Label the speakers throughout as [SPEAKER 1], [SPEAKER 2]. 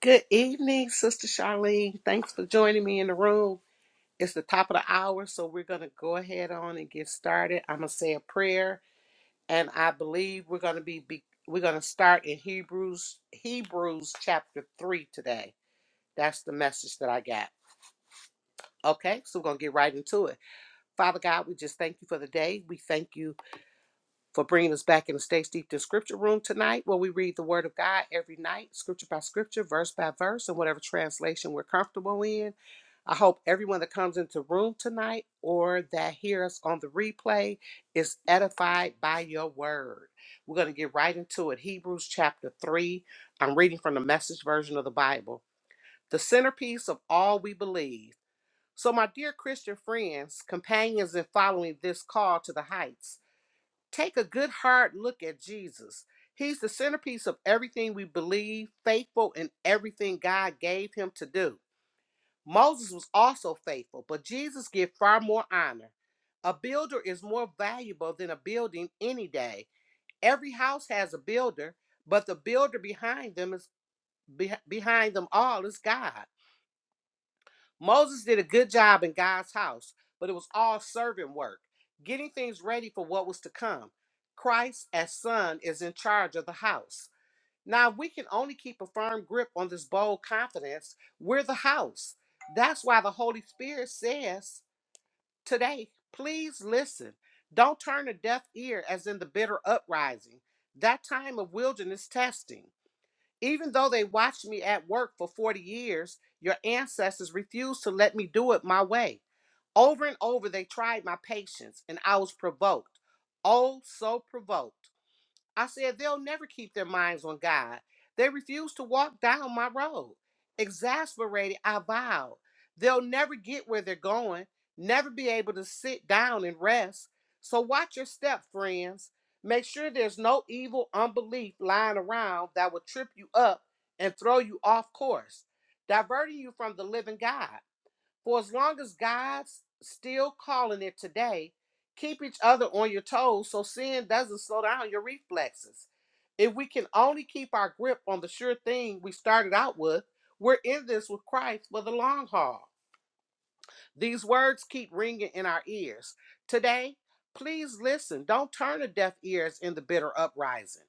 [SPEAKER 1] Good evening, Sister Charlene. Thanks for joining me in the room. It's the top of the hour, so we're going to go ahead on and get started. I'm going to say a prayer, and I believe we're going to be, be we're going to start in Hebrews Hebrews chapter 3 today. That's the message that I got. Okay? So we're going to get right into it. Father God, we just thank you for the day. We thank you for bringing us back in the Stay Deep to Scripture room tonight, where we read the Word of God every night, scripture by scripture, verse by verse, and whatever translation we're comfortable in. I hope everyone that comes into room tonight or that hears on the replay is edified by your word. We're going to get right into it. Hebrews chapter 3. I'm reading from the message version of the Bible. The centerpiece of all we believe. So, my dear Christian friends, companions in following this call to the heights, take a good hard look at Jesus. He's the centerpiece of everything we believe, faithful in everything God gave him to do. Moses was also faithful, but Jesus gave far more honor. A builder is more valuable than a building any day. Every house has a builder, but the builder behind them is beh- behind them all is God. Moses did a good job in God's house, but it was all servant work, getting things ready for what was to come. Christ as son is in charge of the house. Now, if we can only keep a firm grip on this bold confidence, we're the house. That's why the Holy Spirit says today, please listen. Don't turn a deaf ear as in the bitter uprising, that time of wilderness testing. Even though they watched me at work for 40 years, your ancestors refused to let me do it my way. Over and over, they tried my patience, and I was provoked. Oh, so provoked. I said they'll never keep their minds on God. They refuse to walk down my road. Exasperated, I vowed they'll never get where they're going, never be able to sit down and rest. So watch your step, friends. Make sure there's no evil unbelief lying around that will trip you up and throw you off course, diverting you from the living God. For as long as God's still calling it today, keep each other on your toes so sin doesn't slow down your reflexes. If we can only keep our grip on the sure thing we started out with, we're in this with Christ for the long haul. These words keep ringing in our ears. Today, please listen. Don't turn a deaf ear in the bitter uprising.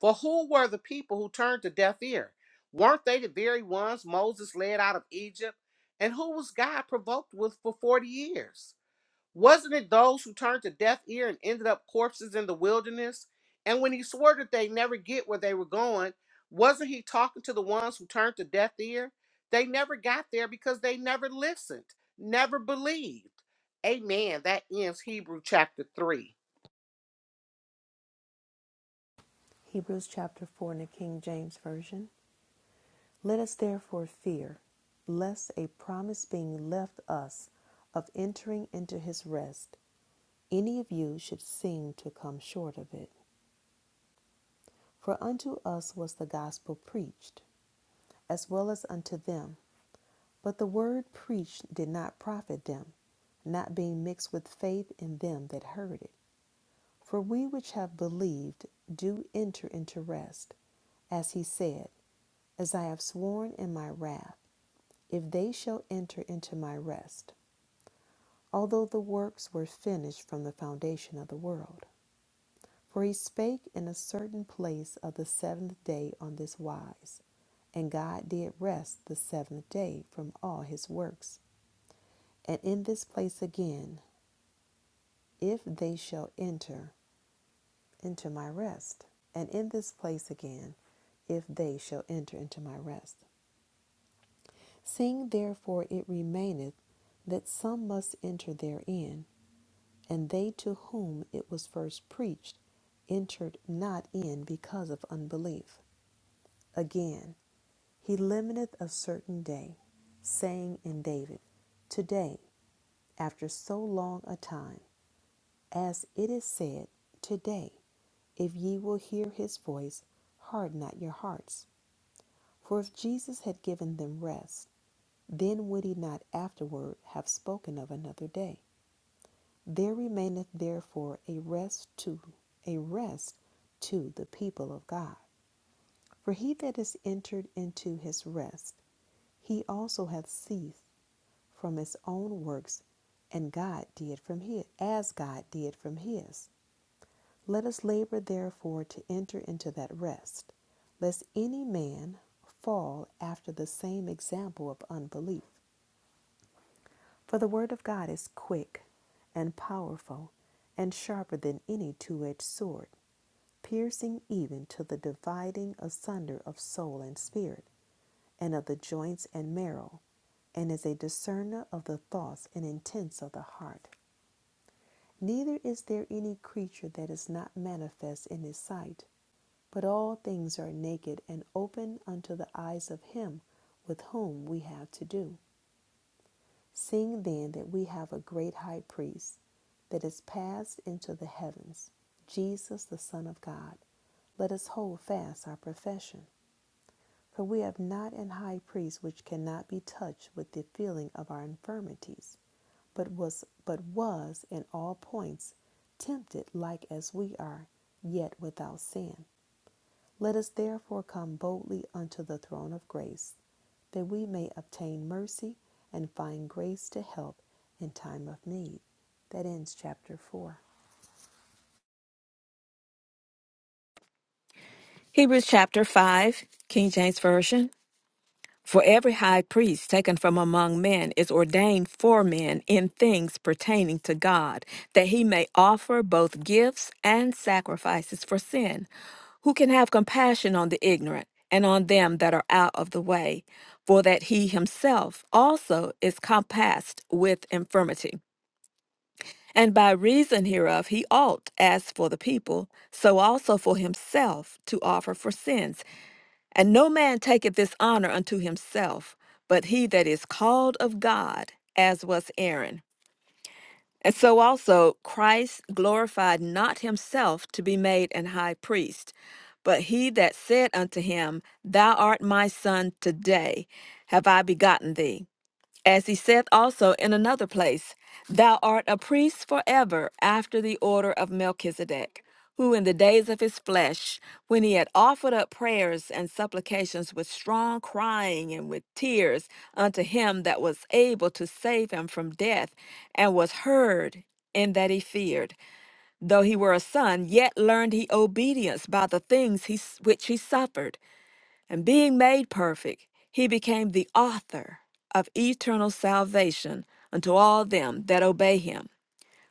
[SPEAKER 1] For who were the people who turned a deaf ear? Weren't they the very ones Moses led out of Egypt? And who was God provoked with for 40 years? Wasn't it those who turned a deaf ear and ended up corpses in the wilderness? And when he swore that they never get where they were going, wasn't he talking to the ones who turned a deaf ear? They never got there because they never listened, never believed. Amen. That ends Hebrew chapter 3.
[SPEAKER 2] Hebrews chapter 4 in the King James Version. Let us therefore fear, lest a promise being left us of entering into his rest, any of you should seem to come short of it. For unto us was the gospel preached, as well as unto them. But the word preached did not profit them, not being mixed with faith in them that heard it. For we which have believed do enter into rest, as he said, As I have sworn in my wrath. if they shall enter into my rest, although the works were finished from the foundation of the world. For he spake in a certain place of the seventh day on this wise, and God did rest the seventh day from all his works. And in this place again, if they shall enter into my rest, and in this place again, if they shall enter into my rest. Seeing therefore it remaineth that some must enter therein, And they to whom it was first preached entered not in because of unbelief. Again, he limiteth a certain day, saying in David, Today, after so long a time, as it is said, Today, if ye will hear his voice, harden not your hearts. For if Jesus had given them rest, then would he not afterward have spoken of another day. There remaineth therefore a rest to a rest to the people of God. For he that is entered into his rest, he also hath ceased from his own works, and God did from his as God did from his. Let us labor therefore to enter into that rest, lest any man fall after the same example of unbelief. For the word of God is quick and powerful and sharper than any two edged sword piercing even to the dividing asunder of soul and spirit, and of the joints and marrow, and is a discerner of the thoughts and intents of the heart. Neither is there any creature that is not manifest in his sight, but all things are naked and open unto the eyes of him with whom we have to do. Seeing then that we have a great high priest that is passed into the heavens, Jesus the Son of God, let us hold fast our profession. For we have not an high priest which cannot be touched with the feeling of our infirmities, but was but was in all points tempted like as we are, yet without sin. Let us therefore come boldly unto the throne of grace, that we may obtain mercy and find grace to help in time of need. That ends chapter 4.
[SPEAKER 3] Hebrews chapter 5, King James Version. For every high priest taken from among men is ordained for men in things pertaining to God, that he may offer both gifts and sacrifices for sin. Who can have compassion on the ignorant and on them that are out of the way, for that he himself also is compassed with infirmity. And by reason hereof he ought, as for the people, so also for himself, to offer for sins and no man taketh this honor unto himself, but he that is called of God, as was Aaron. And so also Christ glorified not himself to be made an high priest, but he that said unto him, Thou art my son, today have I begotten thee. As he saith also in another place, Thou art a priest forever after the order of Melchizedek, who in the days of his flesh, when he had offered up prayers and supplications with strong crying and with tears unto him that was able to save him from death, and was heard, in that he feared, though he were a son, yet learned he obedience by the things he, s- which he suffered. And being made perfect, he became the author of eternal salvation unto all them that obey him,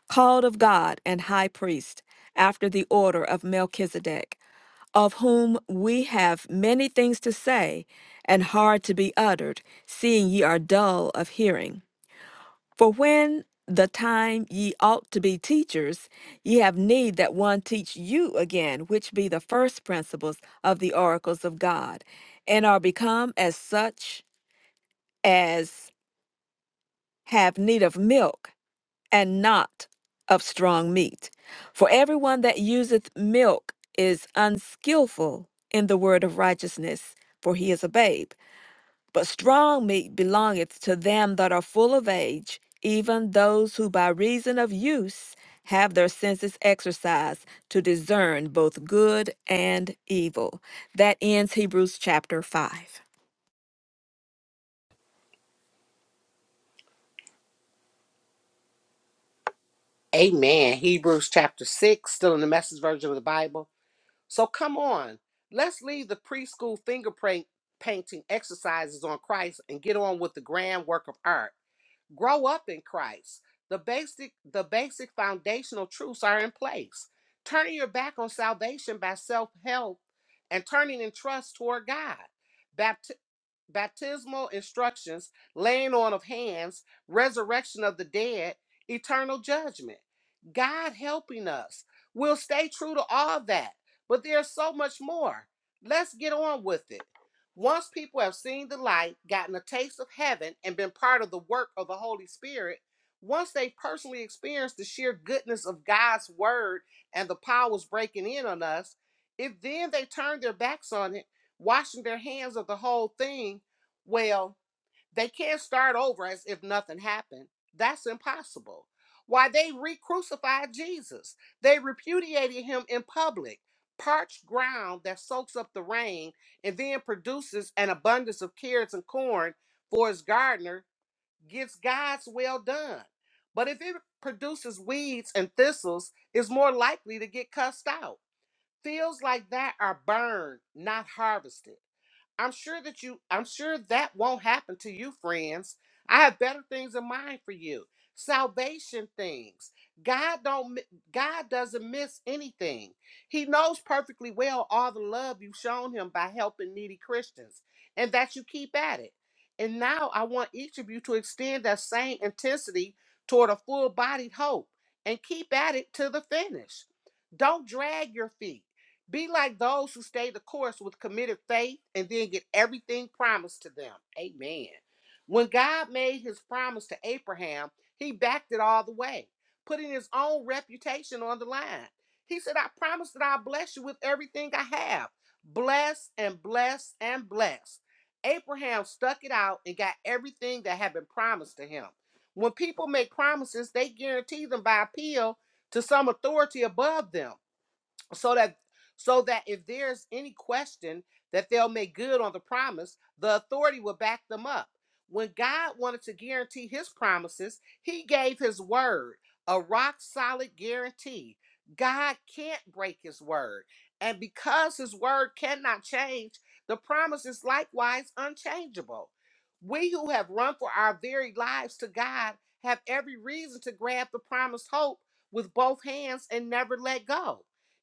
[SPEAKER 3] called of God and high priest, after the order of Melchizedek, of whom we have many things to say and hard to be uttered, seeing ye are dull of hearing. For when the time ye ought to be teachers, ye have need that one teach you again, which be the first principles of the oracles of God, and are become as such as have need of milk, and not of strong meat. For everyone that useth milk is unskillful in the word of righteousness, for he is a babe. But strong meat belongeth to them that are full of age, even those who by reason of use have their senses exercised to discern both good and evil. That ends Hebrews chapter 5.
[SPEAKER 1] Amen. Hebrews chapter 6, still in the message version of the Bible. So come on, let's leave the preschool finger paint- painting exercises on Christ and get on with the grand work of art grow up in Christ. The basic the basic foundational truths are in place. Turning your back on salvation by self-help and turning in trust toward God. Bapti- baptismal instructions, laying on of hands, resurrection of the dead, eternal judgment. God helping us. We'll stay true to all that, but there's so much more. Let's get on with it. Once people have seen the light, gotten a taste of heaven, and been part of the work of the Holy Spirit, once they personally experience the sheer goodness of God's word and the powers breaking in on us, if then they turn their backs on it, washing their hands of the whole thing, well, they can't start over as if nothing happened. That's impossible. Why they re crucified Jesus, they repudiated him in public. Parched ground that soaks up the rain and then produces an abundance of carrots and corn for his gardener gets God's well done. But if it produces weeds and thistles, it's more likely to get cussed out. Fields like that are burned, not harvested I'm sure that you, I'm sure that won't happen to you, friends. I have better things in mind for you. Salvation things. God don't mi- God doesn't miss anything. He knows perfectly well all the love you've shown him by helping needy Christians and that you keep at it. And now I want each of you to extend that same intensity toward a full-bodied hope and keep at it to the finish. Don't drag your feet. Be like those who stay the course with committed faith and then get everything promised to them. Amen. When God made his promise to Abraham, he backed it all the way, putting his own reputation on the line. He said, I promise that I'll bless you with everything I have. Bless and bless and bless. Abraham stuck it out and got everything that had been promised to him. When people make promises, they guarantee them by appeal to some authority above them so that so that if there's any question that they'll make good on the promise the authority will back them up when god wanted to guarantee his promises he gave his word a rock solid guarantee god can't break his word and because his word cannot change the promise is likewise unchangeable we who have run for our very lives to god have every reason to grab the promised hope with both hands and never let go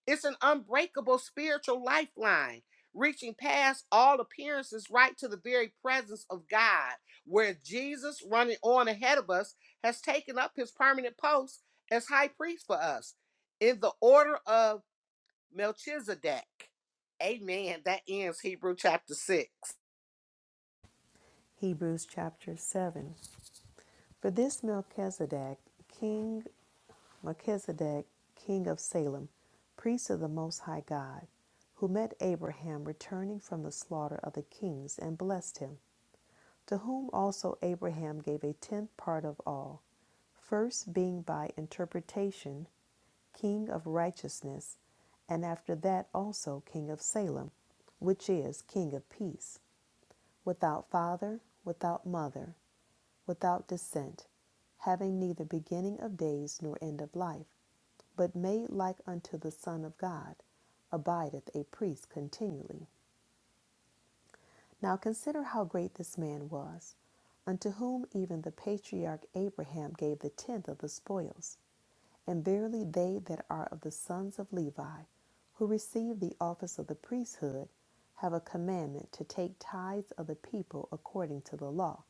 [SPEAKER 1] it's an unbreakable spiritual lifeline, reaching past all appearances right to the very presence of God, where Jesus, running on ahead of us, has taken up his permanent post as high priest for us in the order of Melchizedek. Amen. That ends Hebrew chapter 6.
[SPEAKER 2] Hebrews chapter 7. For this Melchizedek, king Melchizedek, king of Salem, priest of the Most High God, who met Abraham returning from the slaughter of the kings and blessed him, to whom also Abraham gave a tenth part of all, first being by interpretation king of righteousness, and after that also king of Salem, which is king of peace, without father, without mother, without descent, having neither beginning of days nor end of life but made like unto the Son of God, abideth a priest continually. Now consider how great this man was, unto whom even the patriarch Abraham gave the tenth of the spoils. And verily they that are of the sons of Levi, who receive the office of the priesthood, have a commandment to take tithes of the people according to the law,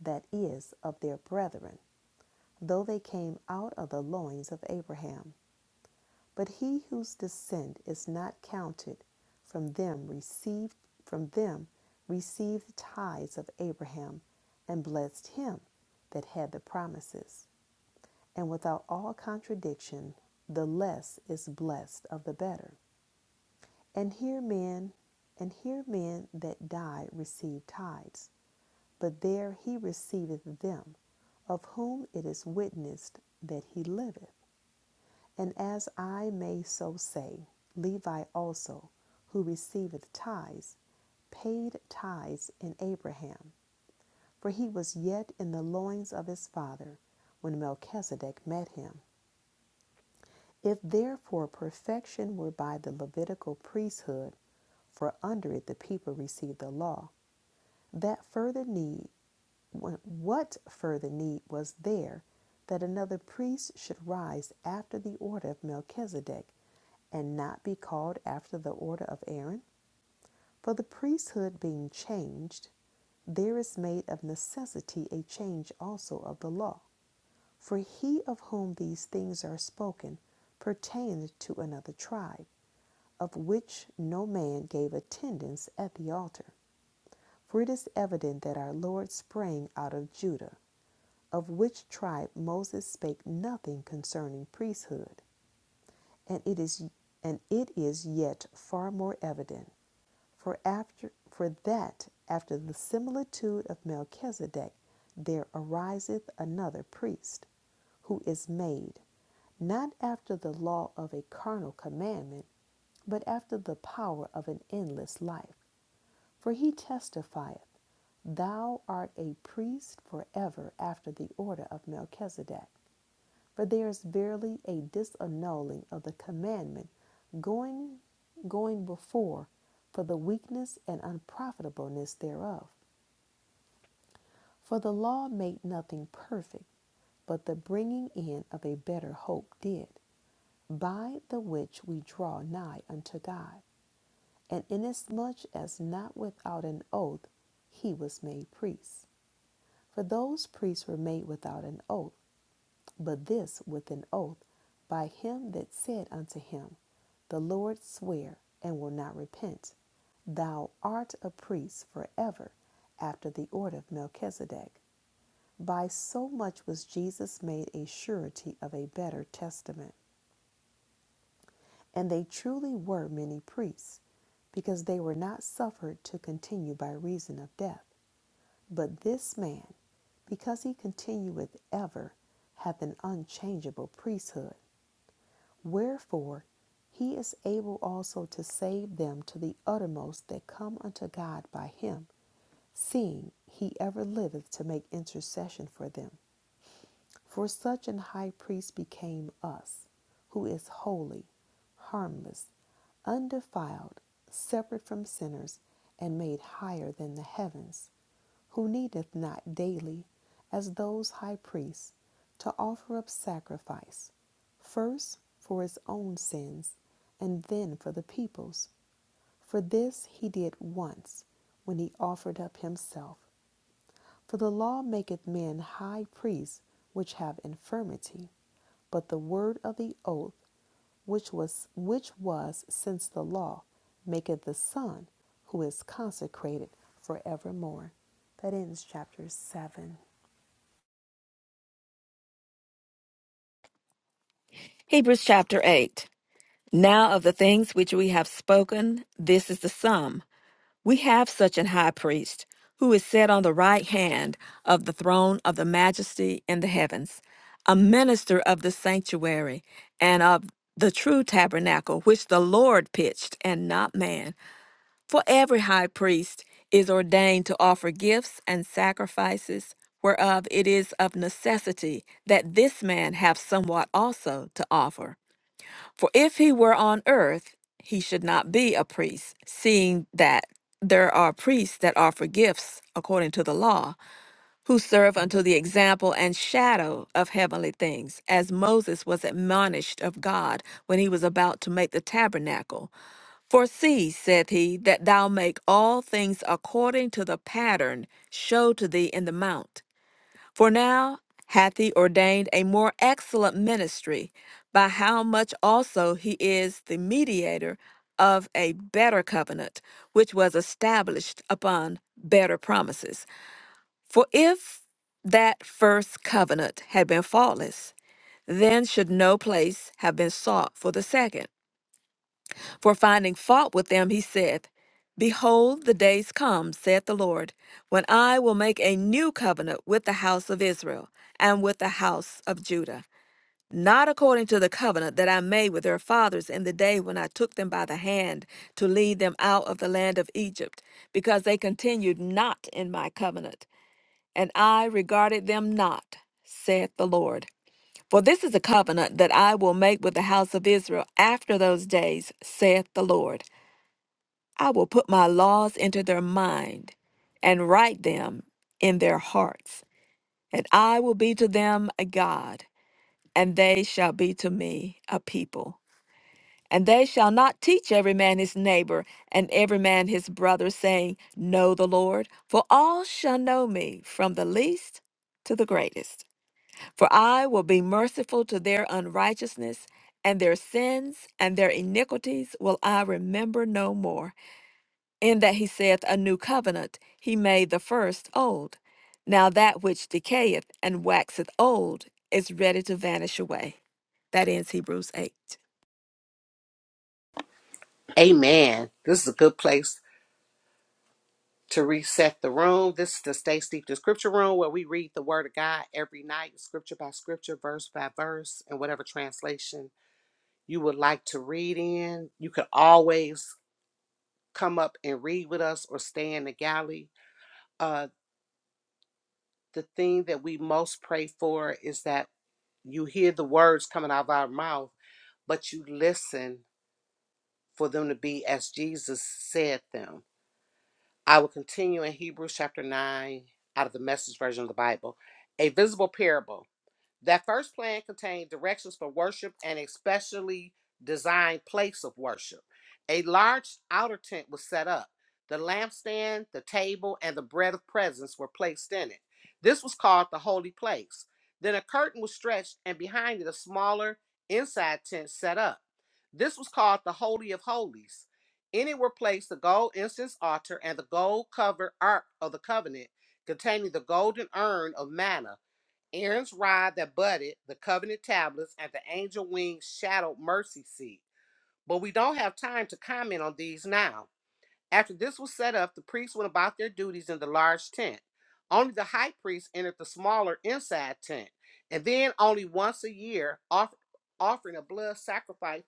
[SPEAKER 2] that is, of their brethren, though they came out of the loins of Abraham. But he whose descent is not counted from them received from them received the tithes of Abraham and blessed him that had the promises. And without all contradiction, the less is blessed of the better. And here men and here men that died received tithes, but there he receiveth them, of whom it is witnessed that he liveth. And as I may so say, Levi also, who receiveth tithes, paid tithes in Abraham, for he was yet in the loins of his father when Melchizedek met him. If therefore perfection were by the Levitical priesthood, for under it the people received the law, that further need what further need was there that another priest should rise after the order of Melchizedek and not be called after the order of Aaron? For the priesthood being changed, there is made of necessity a change also of the law. For he of whom these things are spoken pertained to another tribe, of which no man gave attendance at the altar. For it is evident that our Lord sprang out of Judah, of which tribe Moses spake nothing concerning priesthood, and it is and it is yet far more evident, for after for that after the similitude of Melchizedek there ariseth another priest, who is made not after the law of a carnal commandment, but after the power of an endless life. For he testifieth, Thou art a priest forever after the order of Melchizedek. For there is verily a disannulling of the commandment going going before for the weakness and unprofitableness thereof. For the law made nothing perfect, but the bringing in of a better hope did, by the which we draw nigh unto God. And inasmuch as not without an oath he was made priest. For those priests were made without an oath, but this with an oath, by him that said unto him, The Lord swear and will not repent. Thou art a priest forever after the order of Melchizedek. By so much was Jesus made a surety of a better testament. And they truly were many priests, because they were not suffered to continue by reason of death. But this man, because he continueth ever, hath an unchangeable priesthood. Wherefore he is able also to save them to the uttermost that come unto God by him, seeing he ever liveth to make intercession for them. For such an high priest became us, who is holy, harmless, undefiled, separate from sinners, and made higher than the heavens, who needeth not daily, as those high priests, to offer up sacrifice, first for his own sins, and then for the people's. For this he did once, when he offered up himself. For the law maketh men high priests which have infirmity, but the word of the oath, which was which was since the law, maketh the Son, who is consecrated for evermore. That ends chapter seven.
[SPEAKER 3] Hebrews chapter 8. Now of the things which we have spoken, this is the sum. We have such an high priest who is set on the right hand of the throne of the majesty in the heavens, a minister of the sanctuary and of the true tabernacle which the Lord pitched and not man. For every high priest is ordained to offer gifts and sacrifices, whereof it is of necessity that this man have somewhat also to offer. For if he were on earth, he should not be a priest, seeing that there are priests that offer gifts according to the law, who serve unto the example and shadow of heavenly things, as Moses was admonished of God when he was about to make the tabernacle. For see, saith he, that thou make all things according to the pattern showed to thee in the mount. For now hath he ordained a more excellent ministry, by how much also he is the mediator of a better covenant, which was established upon better promises. For if that first covenant had been faultless, then should no place have been sought for the second. For finding fault with them, he said, Behold, the days come, saith the Lord, when I will make a new covenant with the house of Israel and with the house of Judah, not according to the covenant that I made with their fathers in the day when I took them by the hand to lead them out of the land of Egypt, because they continued not in my covenant, and I regarded them not, saith the Lord. For this is a covenant that I will make with the house of Israel after those days, saith the Lord. I will put my laws into their mind and write them in their hearts. And I will be to them a God, and they shall be to me a people. And they shall not teach every man his neighbor and every man his brother, saying, Know the Lord, for all shall know me, from the least to the greatest. For I will be merciful to their unrighteousness, and their sins and their iniquities will I remember no more. In that he saith a new covenant, he made the first old. Now that which decayeth and waxeth old is ready to vanish away. That ends Hebrews 8.
[SPEAKER 1] Amen. This is a good place to reset the room. This is the Stay Steeped in Scripture room where we read the Word of God every night, scripture by scripture, verse by verse, and whatever translation you would like to read in, you could always come up and read with us or stay in the galley. Uh, the thing that we most pray for is that you hear the words coming out of our mouth, but you listen for them to be as Jesus said them. I will continue in Hebrews chapter 9 out of the message version of the Bible. A visible parable. That first plan contained directions for worship and a specially designed place of worship. A large outer tent was set up. The lampstand, the table, and the bread of presence were placed in it. This was called the holy place. Then a curtain was stretched, and behind it, a smaller inside tent set up. This was called the Holy of Holies. In it were placed the gold incense altar and the gold covered ark of the covenant containing the golden urn of manna Aaron's rod that budded, the covenant tablets, and the angel wing shadowed mercy seat. But we don't have time to comment on these now. After this was set up, the priests went about their duties in the large tent. Only the high priest entered the smaller inside tent, and then only once a year off- offering a blood sacrifice.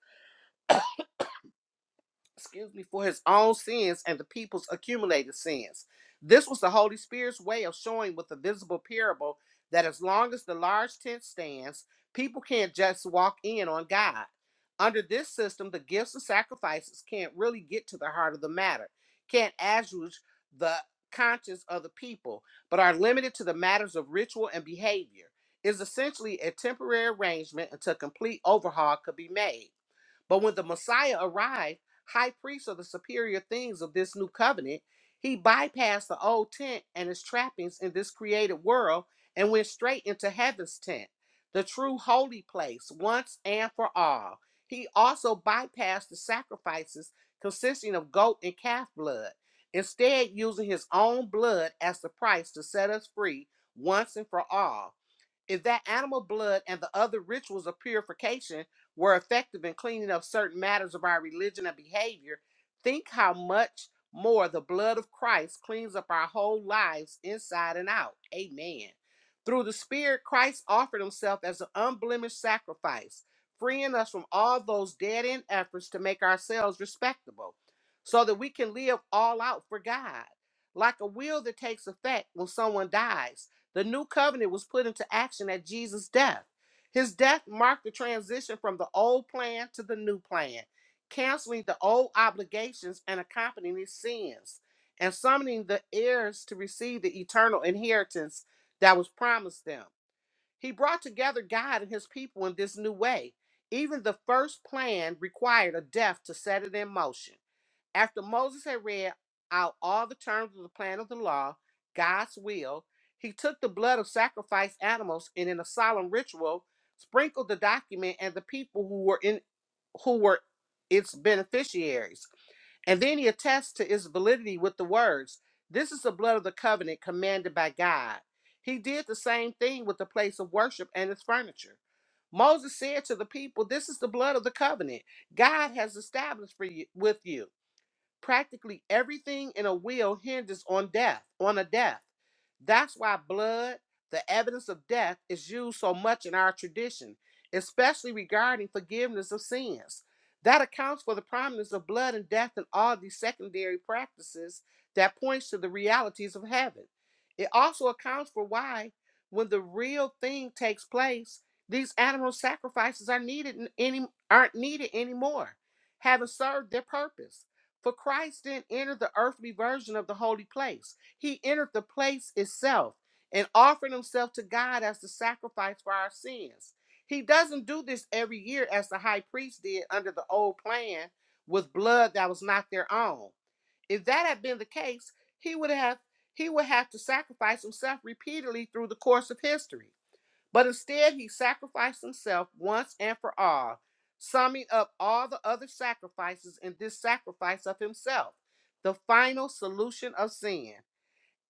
[SPEAKER 1] excuse me, for his own sins and the people's accumulated sins. This was the Holy Spirit's way of showing with a visible parable that as long as the large tent stands, people can't just walk in on God. Under this system, the gifts and sacrifices can't really get to the heart of the matter, can't assuage the conscience of the people, but are limited to the matters of ritual and behavior. Is essentially a temporary arrangement until complete overhaul could be made. But when the Messiah arrived, high priest of the superior things of this new covenant, he bypassed the old tent and its trappings in this created world and went straight into heaven's tent, the true holy place, once and for all. He also bypassed the sacrifices consisting of goat and calf blood, instead, using his own blood as the price to set us free once and for all. If that animal blood and the other rituals of purification were effective in cleaning up certain matters of our religion and behavior, think how much more the blood of Christ cleans up our whole lives inside and out. Amen. Through the Spirit, Christ offered himself as an unblemished sacrifice, freeing us from all those dead end efforts to make ourselves respectable so that we can live all out for God. Like a will that takes effect when someone dies. The new covenant was put into action at Jesus' death. His death marked the transition from the old plan to the new plan, canceling the old obligations and accompanying his sins, and summoning the heirs to receive the eternal inheritance that was promised them. He brought together God and his people in this new way. Even the first plan required a death to set it in motion. After Moses had read out all the terms of the plan of the law, God's will, he took the blood of sacrificed animals and in a solemn ritual sprinkled the document and the people who were in who were its beneficiaries. And then he attests to its validity with the words, This is the blood of the covenant commanded by God. He did the same thing with the place of worship and its furniture. Moses said to the people, This is the blood of the covenant God has established for you, with you. Practically everything in a will hinges on death, on a death. That's why blood, the evidence of death, is used so much in our tradition, especially regarding forgiveness of sins. That accounts for the prominence of blood and death in all these secondary practices that points to the realities of heaven. It also accounts for why, when the real thing takes place, these animal sacrifices are needed n- any aren't needed anymore, having served their purpose. For Christ then entered the earthly version of the holy place. He entered the place itself and offered himself to God as the sacrifice for our sins. He doesn't do this every year as the high priest did under the old plan with blood that was not their own. If that had been the case, he would have he would have to sacrifice himself repeatedly through the course of history. But instead, he sacrificed himself once and for all, summing up all the other sacrifices in this sacrifice of himself, the final solution of sin.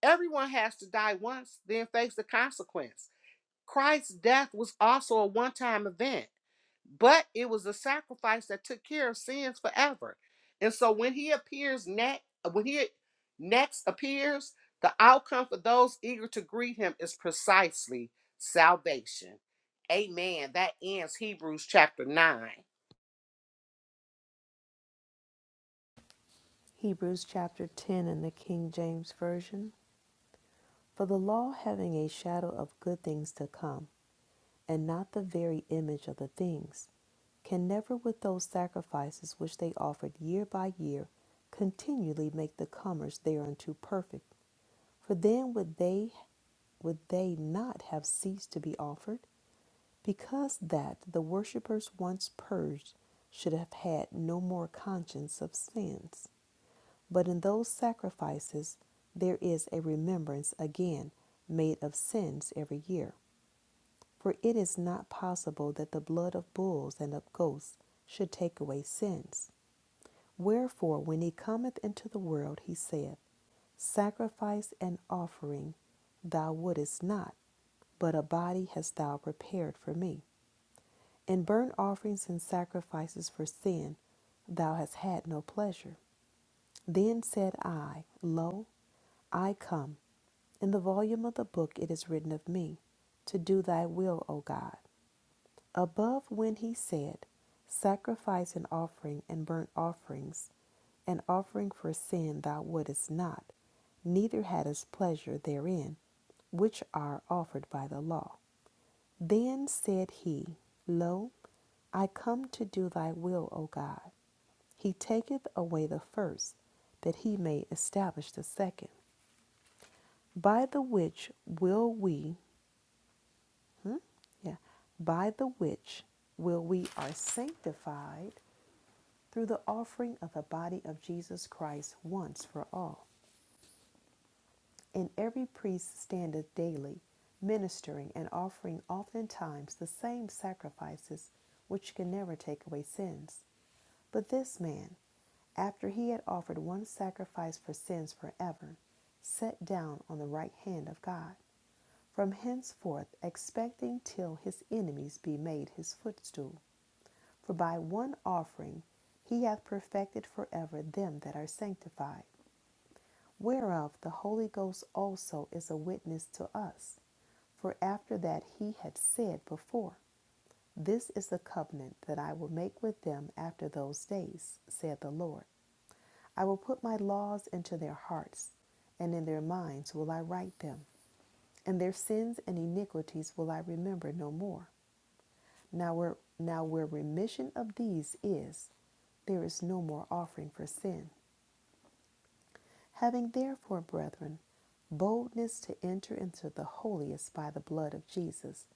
[SPEAKER 1] Everyone has to die once, then face the consequence. Christ's death was also a one time event, but it was a sacrifice that took care of sins forever. And so when he appears next, when he next appears, the outcome for those eager to greet him is precisely salvation. Amen. That ends Hebrews chapter 9.
[SPEAKER 2] Hebrews chapter 10 in the King James Version. For the law having a shadow of good things to come, and not the very image of the things, can never with those sacrifices which they offered year by year continually make the comers thereunto perfect. For then would they would they not have ceased to be offered? Because that the worshippers once purged should have had no more conscience of sins. But in those sacrifices, there is a remembrance again made of sins every year. For it is not possible that the blood of bulls and of goats should take away sins. Wherefore, when he cometh into the world, he saith, Sacrifice and offering thou wouldest not, but a body hast thou prepared for me. In burnt offerings and sacrifices for sin thou hast had no pleasure. Then said I, Lo, I come. In the volume of the book it is written of me, to do thy will, O God. Above when he said, Sacrifice and offering and burnt offerings, an offering for sin thou wouldest not, neither hadst pleasure therein, which are offered by the law. Then said he, Lo, I come to do thy will, O God. He taketh away the first, that he may establish the second, by the which will we Yeah. By the which will we are sanctified through the offering of the body of Jesus Christ once for all. And every priest standeth daily, ministering and offering oftentimes the same sacrifices which can never take away sins. But this man, after he had offered one sacrifice for sins forever, sat down on the right hand of God, from henceforth expecting till his enemies be made his footstool. For by one offering he hath perfected forever them that are sanctified, whereof the Holy Ghost also is a witness to us. For after that he had said before, This is the covenant that I will make with them after those days, saith the Lord. I will put my laws into their hearts, and in their minds will I write them, and their sins and iniquities will I remember no more. Now where now where remission of these is, there is no more offering for sin. Having therefore, brethren, boldness to enter into the holiest by the blood of Jesus,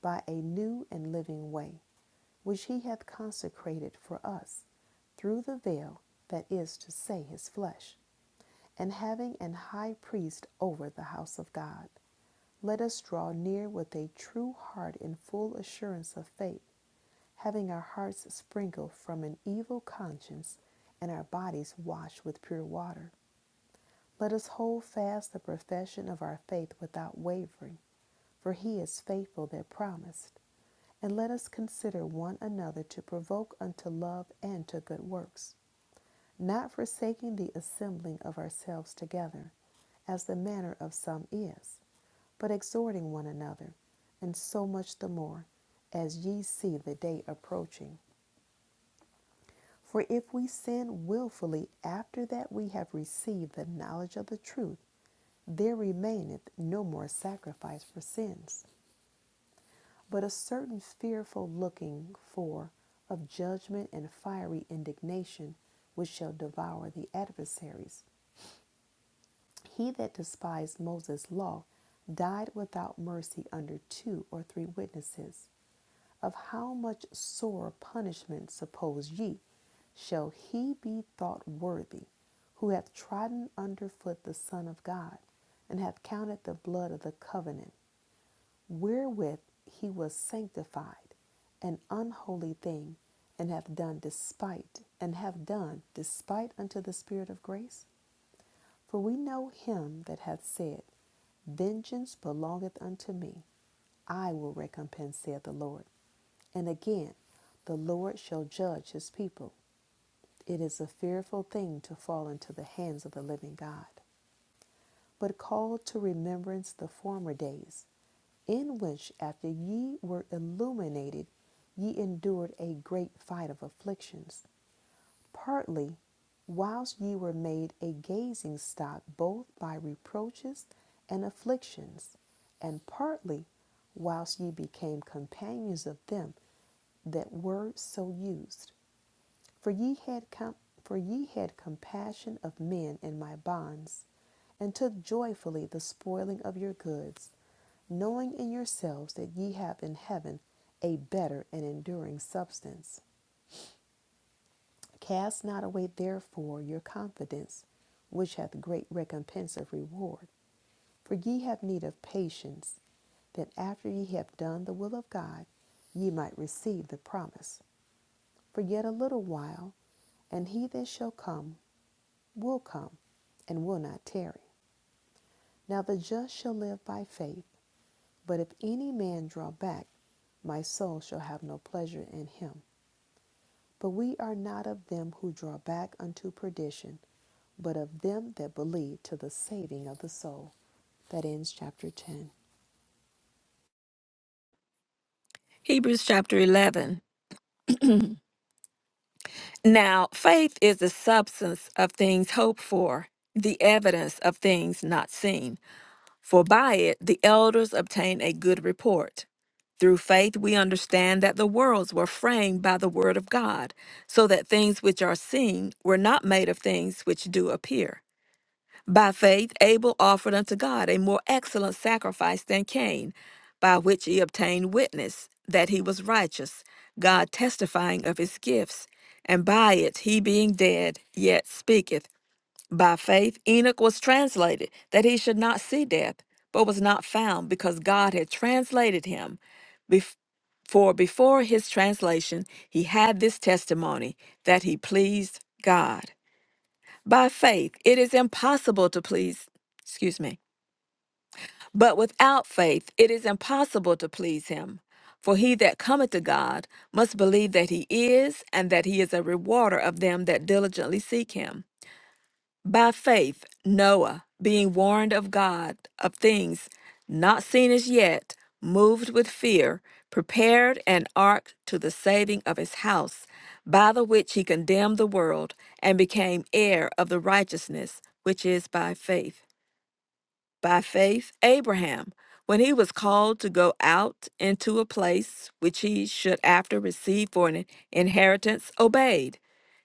[SPEAKER 2] by a new and living way, which he hath consecrated for us, through the veil, that is to say, his flesh, and having an high priest over the house of God, let us draw near with a true heart in full assurance of faith having our hearts sprinkled from an evil conscience and our bodies washed with pure water. Let us hold fast the profession of our faith without wavering, for he is faithful that promised. And let us consider one another to provoke unto love and to good works, not forsaking the assembling of ourselves together, as the manner of some is, but exhorting one another, and so much the more, as ye see the day approaching. For if we sin willfully after that we have received the knowledge of the truth, there remaineth no more sacrifice for sins, but a certain fearful looking for of judgment and fiery indignation which shall devour the adversaries. He that despised Moses' law died without mercy under two or three witnesses. of how much sore punishment suppose ye shall he be thought worthy who hath trodden under foot the Son of God, and hath counted the blood of the covenant, wherewith he was sanctified, an unholy thing, and hath done despite, and hath done despite unto the Spirit of grace? For we know him that hath said, Vengeance belongeth unto me, I will recompense, saith the Lord. And again, the Lord shall judge his people. It is a fearful thing to fall into the hands of the living God. But call to remembrance the former days, in which, after ye were illuminated, ye endured a great fight of afflictions, partly whilst ye were made a gazing stock both by reproaches and afflictions, and partly whilst ye became companions of them that were so used. For ye had com- for ye had compassion of men in my bonds, and took joyfully the spoiling of your goods, knowing in yourselves that ye have in heaven a better and enduring substance. Cast not away therefore your confidence, which hath great recompense of reward. For ye have need of patience, that after ye have done the will of God, ye might receive the promise. For yet a little while, and he that shall come will come and will not tarry. Now the just shall live by faith, but if any man draw back, my soul shall have no pleasure in him. But we are not of them who draw back unto perdition, but of them that believe to the saving of the soul. That ends chapter 10.
[SPEAKER 3] Hebrews chapter 11. Now faith is the substance of things hoped for, the evidence of things not seen. For by it the elders obtain a good report. Through faith we understand that the worlds were framed by the word of God, so that things which are seen were not made of things which do appear. By faith Abel offered unto God a more excellent sacrifice than Cain, by which he obtained witness that he was righteous, God testifying of his gifts, and by it he being dead yet speaketh. By faith, Enoch was translated that he should not see death, but was not found because God had translated him. Bef- for before his translation, he had this testimony that he pleased God. By faith, it is impossible to please, excuse me, but without faith, it is impossible to please him. For he that cometh to God must believe that he is, and that he is a rewarder of them that diligently seek him. By faith, Noah, being warned of God of things not seen as yet, moved with fear, prepared an ark to the saving of his house, by the which he condemned the world, and became heir of the righteousness which is by faith. By faith, Abraham, when he was called to go out into a place which he should after receive for an inheritance, obeyed.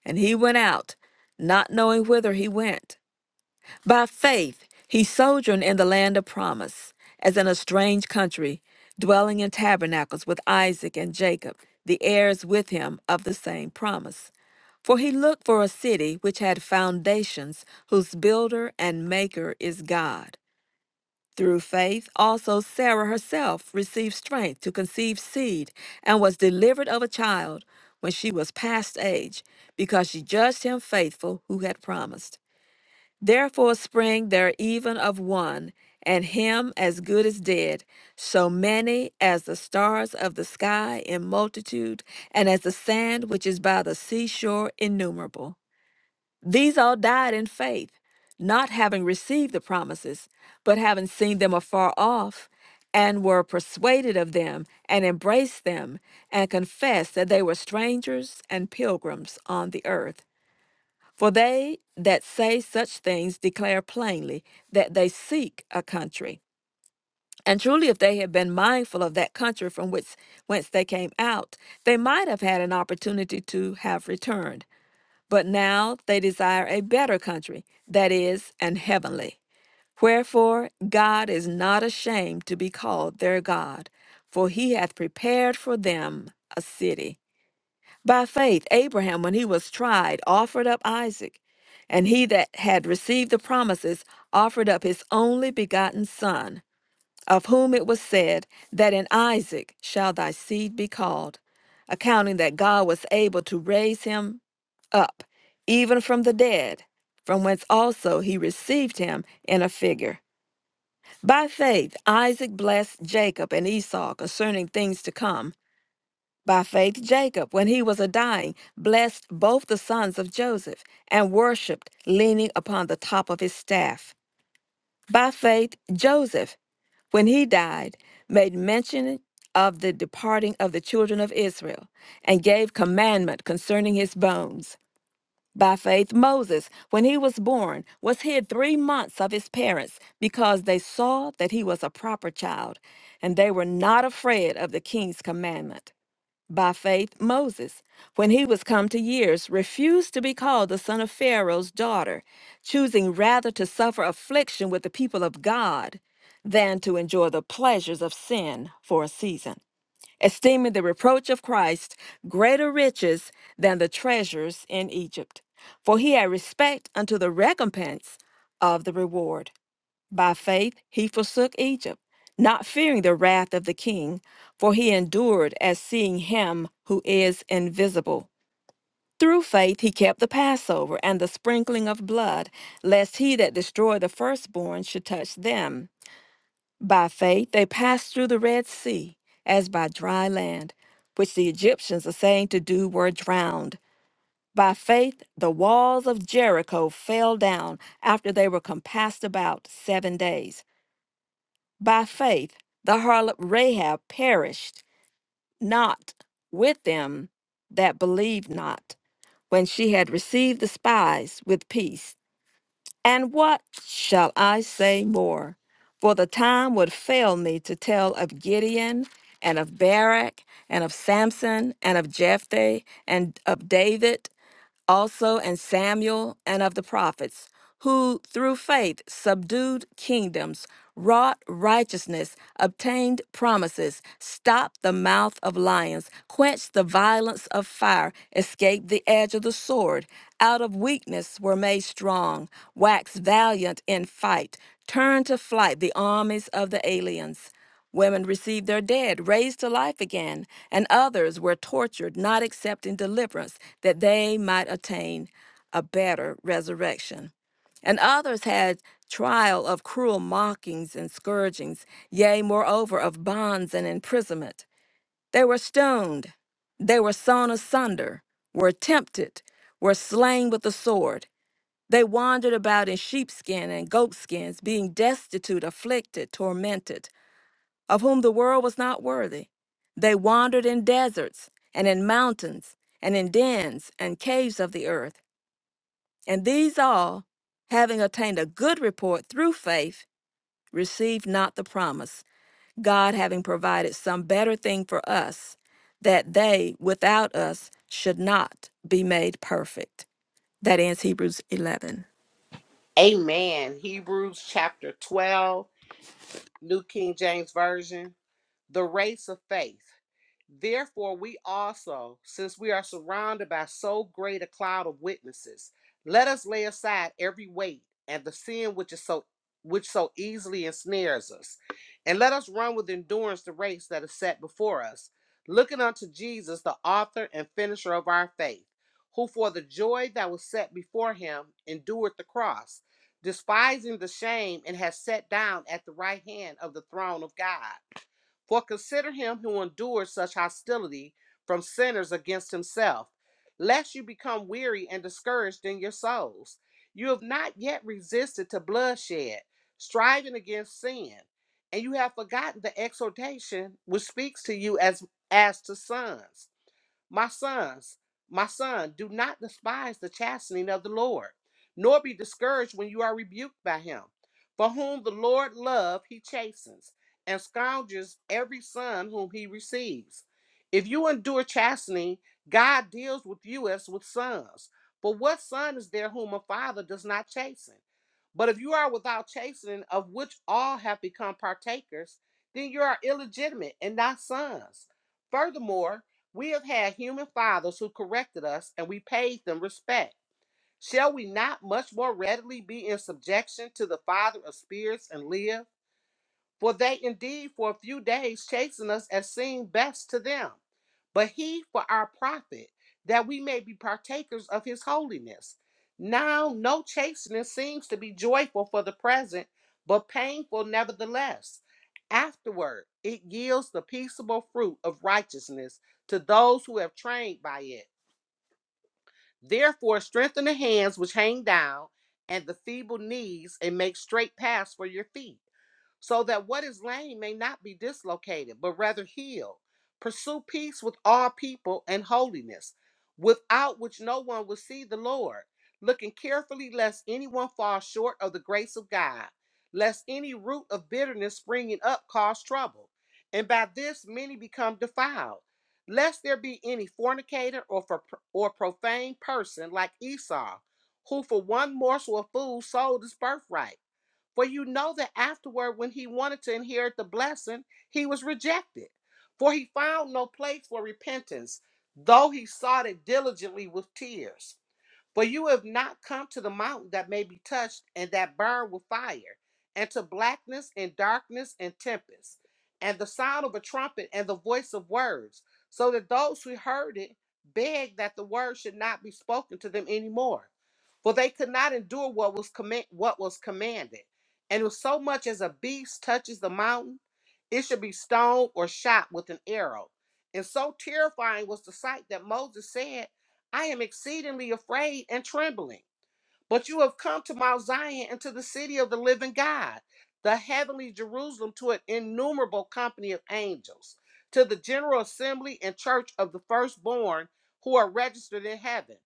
[SPEAKER 3] And he went out, not knowing whither he went. By faith, he sojourned in the land of promise, as in a strange country, dwelling in tabernacles with Isaac and Jacob, the heirs with him of the same promise. For he looked for a city which had foundations, whose builder and maker is God. Through faith, also Sarah herself received strength to conceive seed, and was delivered of a child when she was past age, because she judged him faithful who had promised. Therefore spring there even of one, and him as good as dead, so many as the stars of the sky in multitude, and as the sand which is by the seashore innumerable. These all died in faith, not having received the promises, but having seen them afar off, and were persuaded of them, and embraced them, and confessed that they were strangers and pilgrims on the earth. For they that say such things declare plainly that they seek a country. And truly, if they had been mindful of that country from which whence they came out, they might have had an opportunity to have returned. But now they desire a better country, that is, an heavenly. Wherefore God is not ashamed to be called their God, for he hath prepared for them a city. By faith, Abraham, when he was tried, offered up Isaac, and he that had received the promises offered up his only begotten son, of whom it was said, That in Isaac shall thy seed be called, accounting that God was able to raise him up, even from the dead, from whence also he received him in a figure. By faith, Isaac blessed Jacob and Esau concerning things to come by faith, Jacob, when he was a dying, blessed both the sons of Joseph and worshiped, leaning upon the top of his staff. By faith, Joseph, when he died, made mention of the departing of the children of Israel and gave commandment concerning his bones. By faith, Moses, when he was born, was hid three months of his parents because they saw that he was a proper child and they were not afraid of the king's commandment. By faith, Moses, when he was come to years, refused to be called the son of Pharaoh's daughter, choosing rather to suffer affliction with the people of God than to enjoy the pleasures of sin for a season, esteeming the reproach of Christ greater riches than the treasures in Egypt. For he had respect unto the recompense of the reward. By faith he forsook Egypt, not fearing the wrath of the king, for he endured as seeing him who is invisible. Through faith he kept the Passover and the sprinkling of blood, lest he that destroyed the firstborn should touch them. By faith they passed through the Red Sea, as by dry land, which the Egyptians are saying to do were drowned. By faith the walls of Jericho fell down after they were compassed about seven days. By faith, the harlot Rahab perished not with them that believed not, when she had received the spies with peace. And what shall I say more? For the time would fail me to tell of Gideon and of Barak and of Samson and of Jephthah and of David also and Samuel and of the prophets, who through faith subdued kingdoms, wrought righteousness, obtained promises, stopped the mouth of lions, quenched the violence of fire, escaped the edge of the sword, out of weakness were made strong, waxed valiant in fight, turned to flight the armies of the aliens. Women received their dead raised to life again, and others were tortured, not accepting deliverance that they might attain a better resurrection. And others had trial of cruel mockings and scourgings, yea, moreover, of bonds and imprisonment. They were stoned, they were sawn asunder, were tempted, were slain with the sword. They wandered about in sheepskin and goatskins, being destitute, afflicted, tormented of whom the world was not worthy. They wandered in deserts and in mountains and in dens and caves of the earth. And these all, having attained a good report through faith, received not the promise, God having provided some better thing for us, that they without us should not be made perfect. That ends Hebrews 11.
[SPEAKER 1] Amen. Hebrews chapter 12, New King James Version. The race of faith. Therefore, we also, since we are surrounded by so great a cloud of witnesses, let us lay aside every weight and the sin which is so which so easily ensnares us, and let us run with endurance the race that is set before us, looking unto Jesus, the author and finisher of our faith, who for the joy that was set before him endured the cross, despising the shame, and has sat down at the right hand of the throne of God. For consider him who endures such hostility from sinners against himself, lest you become weary and discouraged in your souls. You have not yet resisted to bloodshed, striving against sin, and you have forgotten the exhortation which speaks to you as as to sons. My sons, my son, do not despise the chastening of the Lord, nor be discouraged when you are rebuked by him. For whom the Lord love, he chastens, and scourges every son whom he receives. If you endure chastening, God deals with you as with sons. For what son is there whom a father does not chasten? But if you are without chastening, of which all have become partakers, then you are illegitimate and not sons. Furthermore, we have had human fathers who corrected us and we paid them respect. Shall we not much more readily be in subjection to the Father of spirits and live? For they indeed for a few days chasten us as seemed best to them, but he for our profit, that we may be partakers of his holiness. Now no chastening seems to be joyful for the present, but painful nevertheless. Afterward, it yields the peaceable fruit of righteousness to those who have trained by it. Therefore, strengthen the hands which hang down and the feeble knees, and make straight paths for your feet, so that what is lame may not be dislocated, but rather healed. Pursue peace with all people and holiness, without which no one will see the Lord. Looking carefully, lest anyone fall short of the grace of God, lest any root of bitterness springing up cause trouble, and by this many become defiled lest there be any fornicator or for, or profane person like Esau, who for one morsel of food sold his birthright. For you know that afterward, when he wanted to inherit the blessing, he was rejected, for he found no place for repentance, though he sought it diligently with tears. For you have not come to the mountain that may be touched and that burned with fire, and to blackness and darkness and tempest, and the sound of a trumpet and the voice of words, so that those who heard it begged that the word should not be spoken to them anymore. For they could not endure what was command, what was commanded. And if so much as a beast touches the mountain, it should be stoned or shot with an arrow. And so terrifying was the sight that Moses said. I am exceedingly afraid and trembling. But you have come to Mount Zion and to the city of the living God, the heavenly Jerusalem, to an innumerable company of angels, to the general assembly and church of the firstborn who are registered in heaven,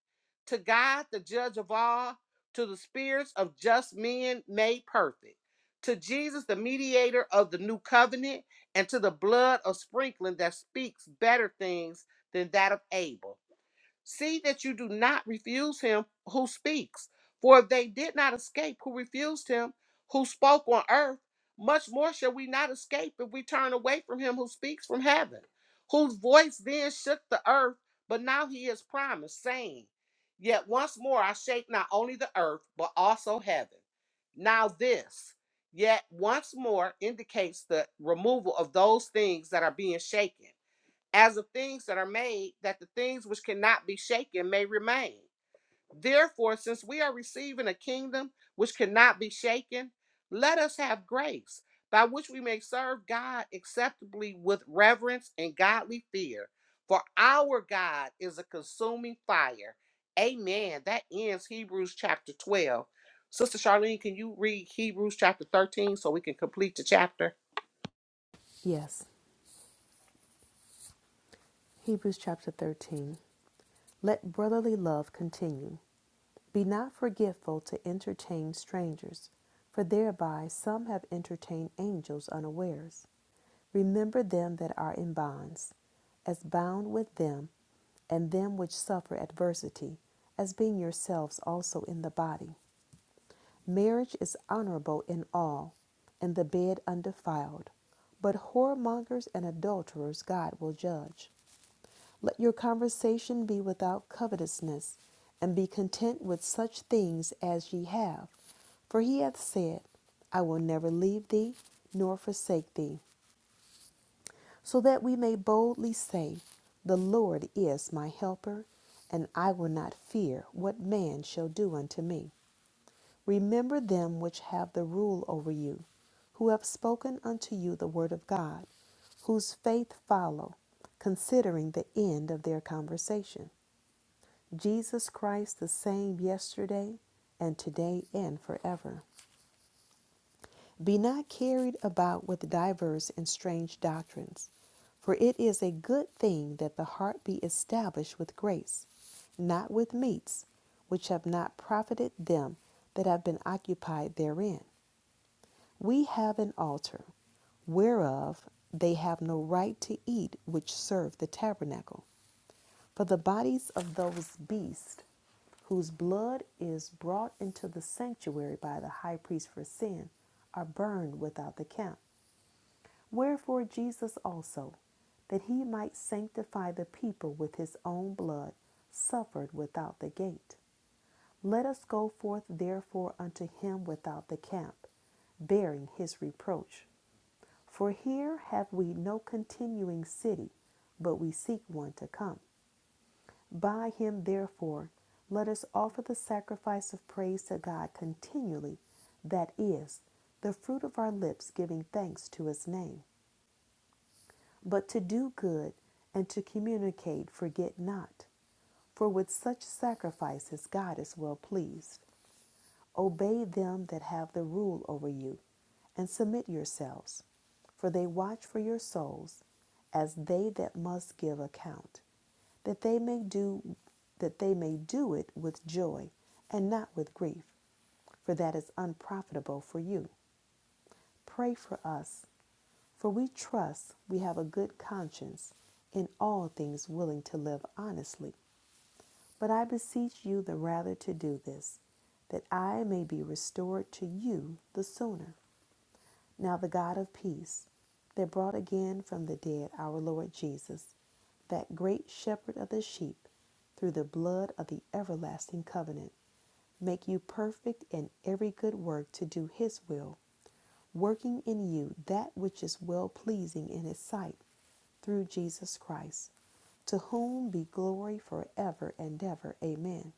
[SPEAKER 1] to God, the judge of all, to the spirits of just men made perfect, to Jesus, the mediator of the new covenant, and to the blood of sprinkling that speaks better things than that of Abel See that you do not refuse him who speaks. For if they did not escape who refused him who spoke on earth, much more shall we not escape if we turn away from him who speaks from heaven, whose voice then shook the earth, but now he is promised, saying, Yet once more I shake not only the earth, but also heaven. Now this, yet once more, indicates the removal of those things that are being shaken as of things that are made, that the things which cannot be shaken may remain. Therefore, since we are receiving a kingdom which cannot be shaken, let us have grace by which we may serve God acceptably with reverence and godly fear. For our God is a consuming fire. Amen. That ends Hebrews chapter 12. Sister Charlene, can you read Hebrews chapter 13 so we can complete the chapter?
[SPEAKER 2] Yes, Hebrews chapter 13. Let brotherly love continue. Be not forgetful to entertain strangers, for thereby some have entertained angels unawares. Remember them that are in bonds, as bound with them, and them which suffer adversity, as being yourselves also in the body. Marriage is honorable in all, and the bed undefiled. But whoremongers and adulterers God will judge. Let your conversation be without covetousness, and be content with such things as ye have. For he hath said, I will never leave thee nor forsake thee. so that we may boldly say, The Lord is my helper, and I will not fear what man shall do unto me. Remember them which have the rule over you, who have spoken unto you the word of God, whose faith follow, considering the end of their conversation. Jesus Christ the same yesterday and today and forever. Be not carried about with divers and strange doctrines, for it is a good thing that the heart be established with grace, not with meats, which have not profited them that have been occupied therein. We have an altar, whereof they have no right to eat which serve the tabernacle. For the bodies of those beasts whose blood is brought into the sanctuary by the high priest for sin, are burned without the camp. Wherefore Jesus also, that he might sanctify the people with his own blood, suffered without the gate. Let us go forth therefore unto him without the camp, bearing his reproach. For here have we no continuing city, but we seek one to come. By him therefore let us offer the sacrifice of praise to God continually, that is, the fruit of our lips giving thanks to his name. but to do good and to communicate, forget not. For with such sacrifices God is well pleased. Obey them that have the rule over you, and submit yourselves, for they watch for your souls, as they that must give account, that they may do that they may do it with joy and not with grief, for that is unprofitable for you. Pray for us for we trust we have a good conscience, in all things willing to live honestly. But I beseech you the rather to do this, that I may be restored to you the sooner. Now the God of peace, that brought again from the dead our Lord Jesus, that great shepherd of the sheep, through the blood of the everlasting covenant, make you perfect in every good work to do his will, working in you that which is well pleasing in his sight, through Jesus Christ, to whom be glory forever and ever. Amen.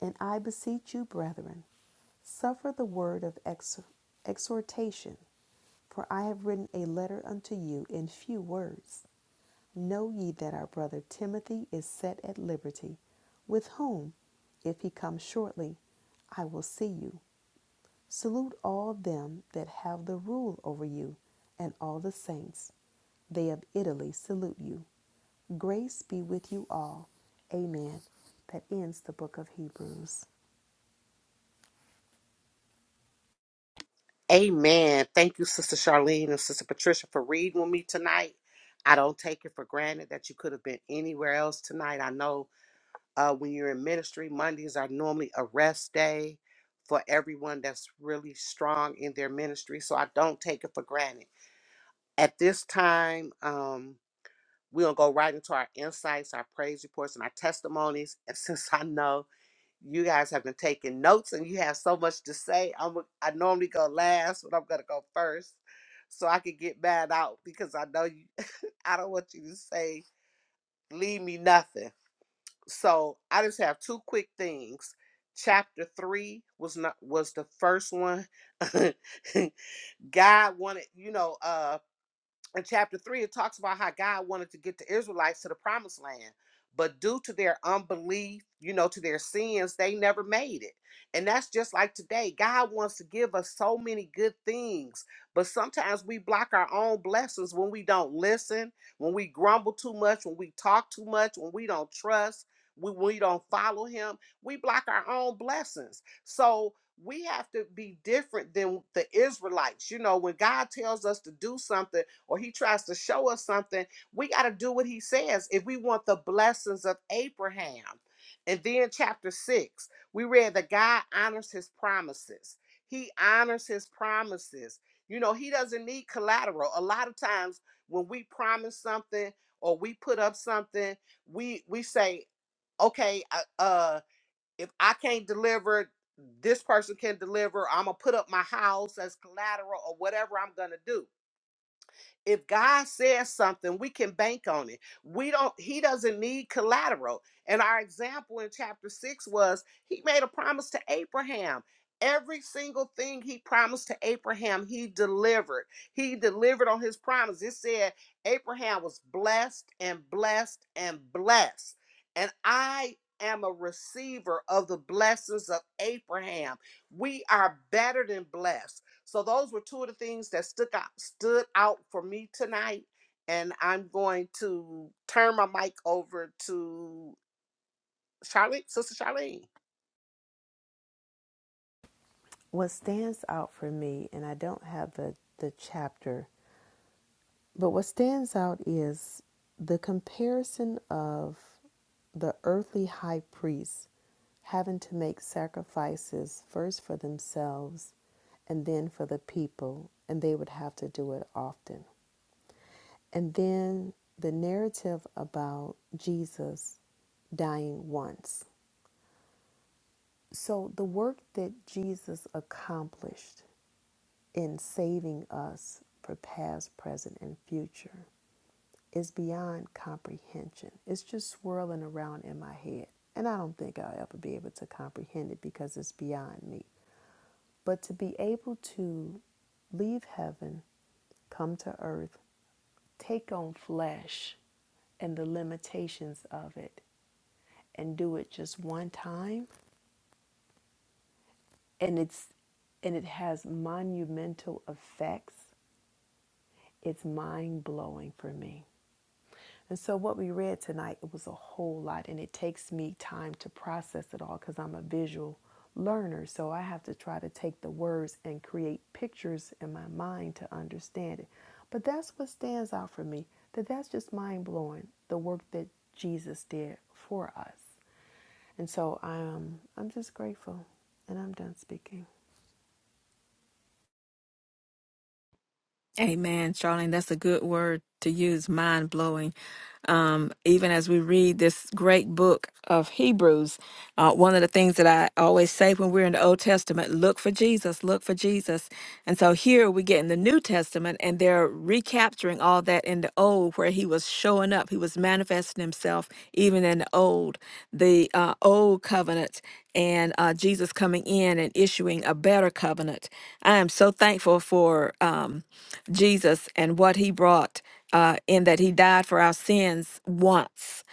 [SPEAKER 2] And I beseech you, brethren, suffer the word of ex- exhortation, for I have written a letter unto you in few words. Know ye that our brother Timothy is set at liberty, with whom, if he come shortly, I will see you. Salute all them that have the rule over you, and all the saints. They of Italy salute you. Grace be with you all. Amen. That ends the book of Hebrews.
[SPEAKER 1] Amen. Thank you, Sister Charlene and Sister Patricia, for reading with me tonight. I don't take it for granted that you could have been anywhere else tonight. I know uh, when you're in ministry, Mondays are normally a rest day for everyone that's really strong in their ministry. So I don't take it for granted. At this time, um, we're going to go right into our insights, our praise reports, and our testimonies. And since I know you guys have been taking notes and you have so much to say. I'm a- I normally go last, but I'm gonna go first so I can get mad out because I know you I don't want you to say leave me nothing. So I just have two quick things. Chapter three was not was the first one. God wanted, you know, uh, in chapter 3 it talks about how god wanted to get the israelites to the promised land but due to their unbelief you know to their sins they never made it and that's just like today god wants to give us so many good things but sometimes we block our own blessings when we don't listen when we grumble too much when we talk too much when we don't trust when we don't follow him we block our own blessings so we have to be different than the israelites you know when god tells us to do something or he tries to show us something, we got to do what he says if we want the blessings of Abraham. And then, chapter six, we read that God honors his promises. He honors his promises. You know, he doesn't need collateral. A lot of times when we promise something or we put up something, we we say, okay, uh, uh if I can't deliver, this person can deliver. I'm gonna put up my house as collateral or whatever I'm gonna do if God says something, we can bank on it. We don't, he doesn't need collateral. And our example in chapter six was he made a promise to Abraham. Every single thing he promised to Abraham, he delivered. He delivered on his promise. It said Abraham was blessed and blessed and blessed. And I am a receiver of the blessings of Abraham. We are better than blessed so those were two of the things that stood out stood out for me tonight. And I'm going to turn my mic over to Charlene, Sister Charlene.
[SPEAKER 2] What stands out for me, and I don't have the, the chapter, but what stands out is the comparison of the earthly high priest having to make sacrifices first for themselves and then for the people, and they would have to do it often. And then the narrative about Jesus dying once. So, the work that Jesus accomplished in saving us for past, present, and future is beyond comprehension. It's just swirling around in my head. And I don't think I'll ever be able to comprehend it because it's beyond me. But to be able to leave heaven, come to earth, take on flesh and the limitations of it, and do it just one time, and it's and it has monumental effects. It's mind blowing for me. And so what we read tonight, it was a whole lot and it takes me time to process it all cuz I'm a visual learner. So I have to try to take the words and create pictures in my mind to understand it. But that's what stands out for me. That that's just mind-blowing the work that Jesus did for us. And so I'm I'm just grateful and I'm done speaking.
[SPEAKER 3] Amen, Charlene. That's a good word to use, mind blowing. Um, even as we read this great book of Hebrews, uh, one of the things that I always say when we're in the Old Testament, look for Jesus, look for Jesus. And so here we get in the New Testament, and they're recapturing all that in the Old, where he was showing up, he was manifesting himself even in the Old, the uh, Old Covenant, and uh, Jesus coming in and issuing a better covenant. I am so thankful for. Um, Jesus and what he brought uh, in that he died for our sins once.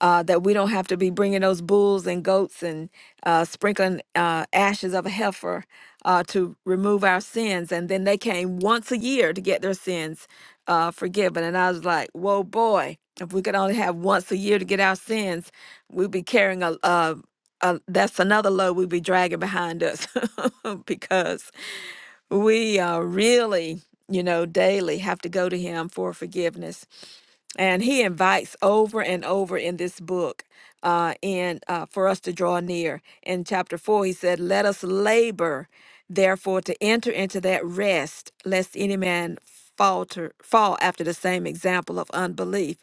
[SPEAKER 3] Uh, that we don't have to be bringing those bulls and goats and uh, sprinkling uh, ashes of a heifer uh, to remove our sins. And then they came once a year to get their sins uh, forgiven. And I was like, whoa, boy, if we could only have once a year to get our sins, we'd be carrying a, a, a that's another load we'd be dragging behind us because we uh, really, you know, daily have to go to Him for forgiveness. And He invites over and over in this book uh, and uh, for us to draw near. In chapter four, He said, Let us labor, therefore, to enter into that rest, lest any man falter fall after the same example of unbelief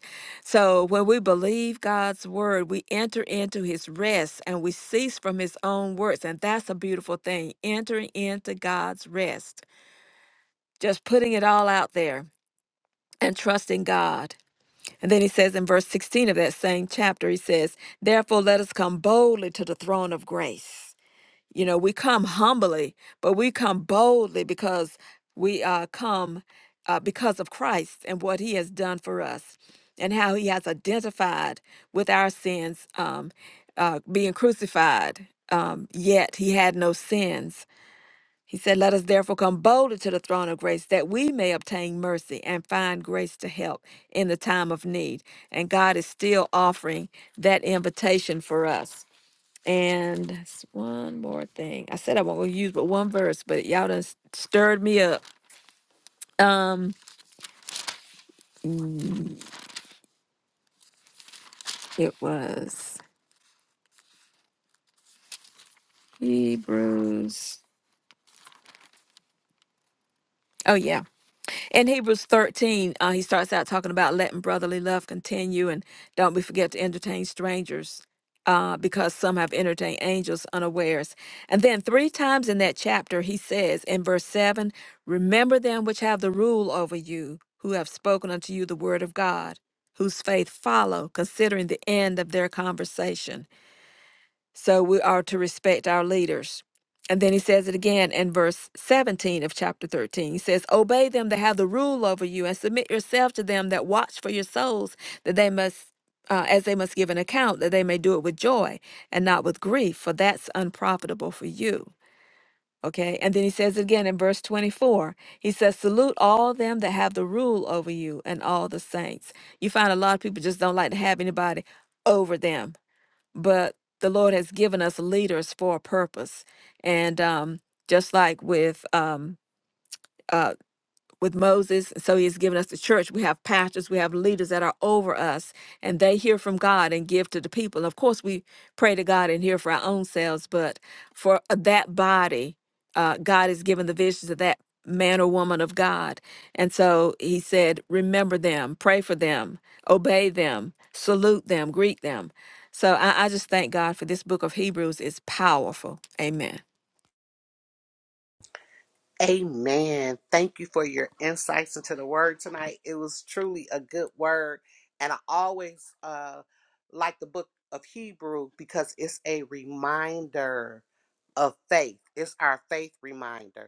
[SPEAKER 3] so when we believe god's word we enter into his rest and we cease from his own works and that's a beautiful thing entering into god's rest just putting it all out there and trusting God. And then he says in verse 16 of that same chapter, he says, Therefore, let us come boldly to the throne of grace. You know, we come humbly, but we come boldly because we uh, come uh, because of Christ and what he has done for us and how he has identified with our sins um, uh, being crucified. Um, yet he had no sins. He said, Let us therefore come boldly to the throne of grace that we may obtain mercy and find grace to help in the time of need. And God is still offering that invitation for us. And that's one more thing. I said I won't use but one verse, but y'all done s- stirred me up. Um, it was Hebrews. Oh yeah. In Hebrews 13, uh, he starts out talking about letting brotherly love continue and don't we forget to entertain strangers uh, because some have entertained angels unawares. And then three times in that chapter, he says in verse 7 Remember them which have the rule over you, who have spoken unto you the word of God, whose faith follow, considering the end of their conversation. So we are to respect our leaders. And then he says it again in verse 17 of chapter 13. He says, Obey them that have the rule over you and submit yourself to them that watch for your souls, that they must. Uh, as they must give an account, that they may do it with joy and not with grief, for that's unprofitable for you. Okay. And then he says it again in verse 24. He says, Salute all them that have the rule over you and all the saints. You find a lot of people just don't like to have anybody over them but the Lord has given us leaders for a purpose. And um, just like with um, uh, with Moses. And So he has given us the church. We have pastors, we have leaders that are over us, and they hear from God and give to the people. Of course, we pray to God and hear for our own selves, but for uh, that body, uh, God has given the visions of that man or woman of God. And so he said, remember them, pray for them, obey them, salute them, greet them. So I, I just thank God for this book of Hebrews. It's powerful. Amen.
[SPEAKER 1] Amen. Thank you for your insights into the word tonight. It was truly a good word. And I always uh, like the book of Hebrew because it's a reminder of faith. It's our faith reminder.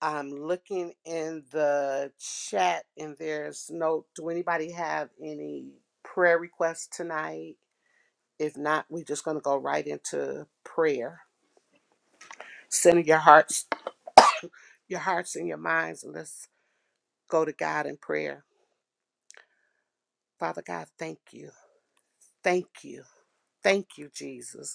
[SPEAKER 1] I'm looking in the chat and there's no, do anybody have any prayer requests tonight? If not, we're just going to go right into prayer. Center your hearts, your hearts and your minds. and Let's go to God in prayer. Father God, thank you. Thank you. Thank you, Jesus.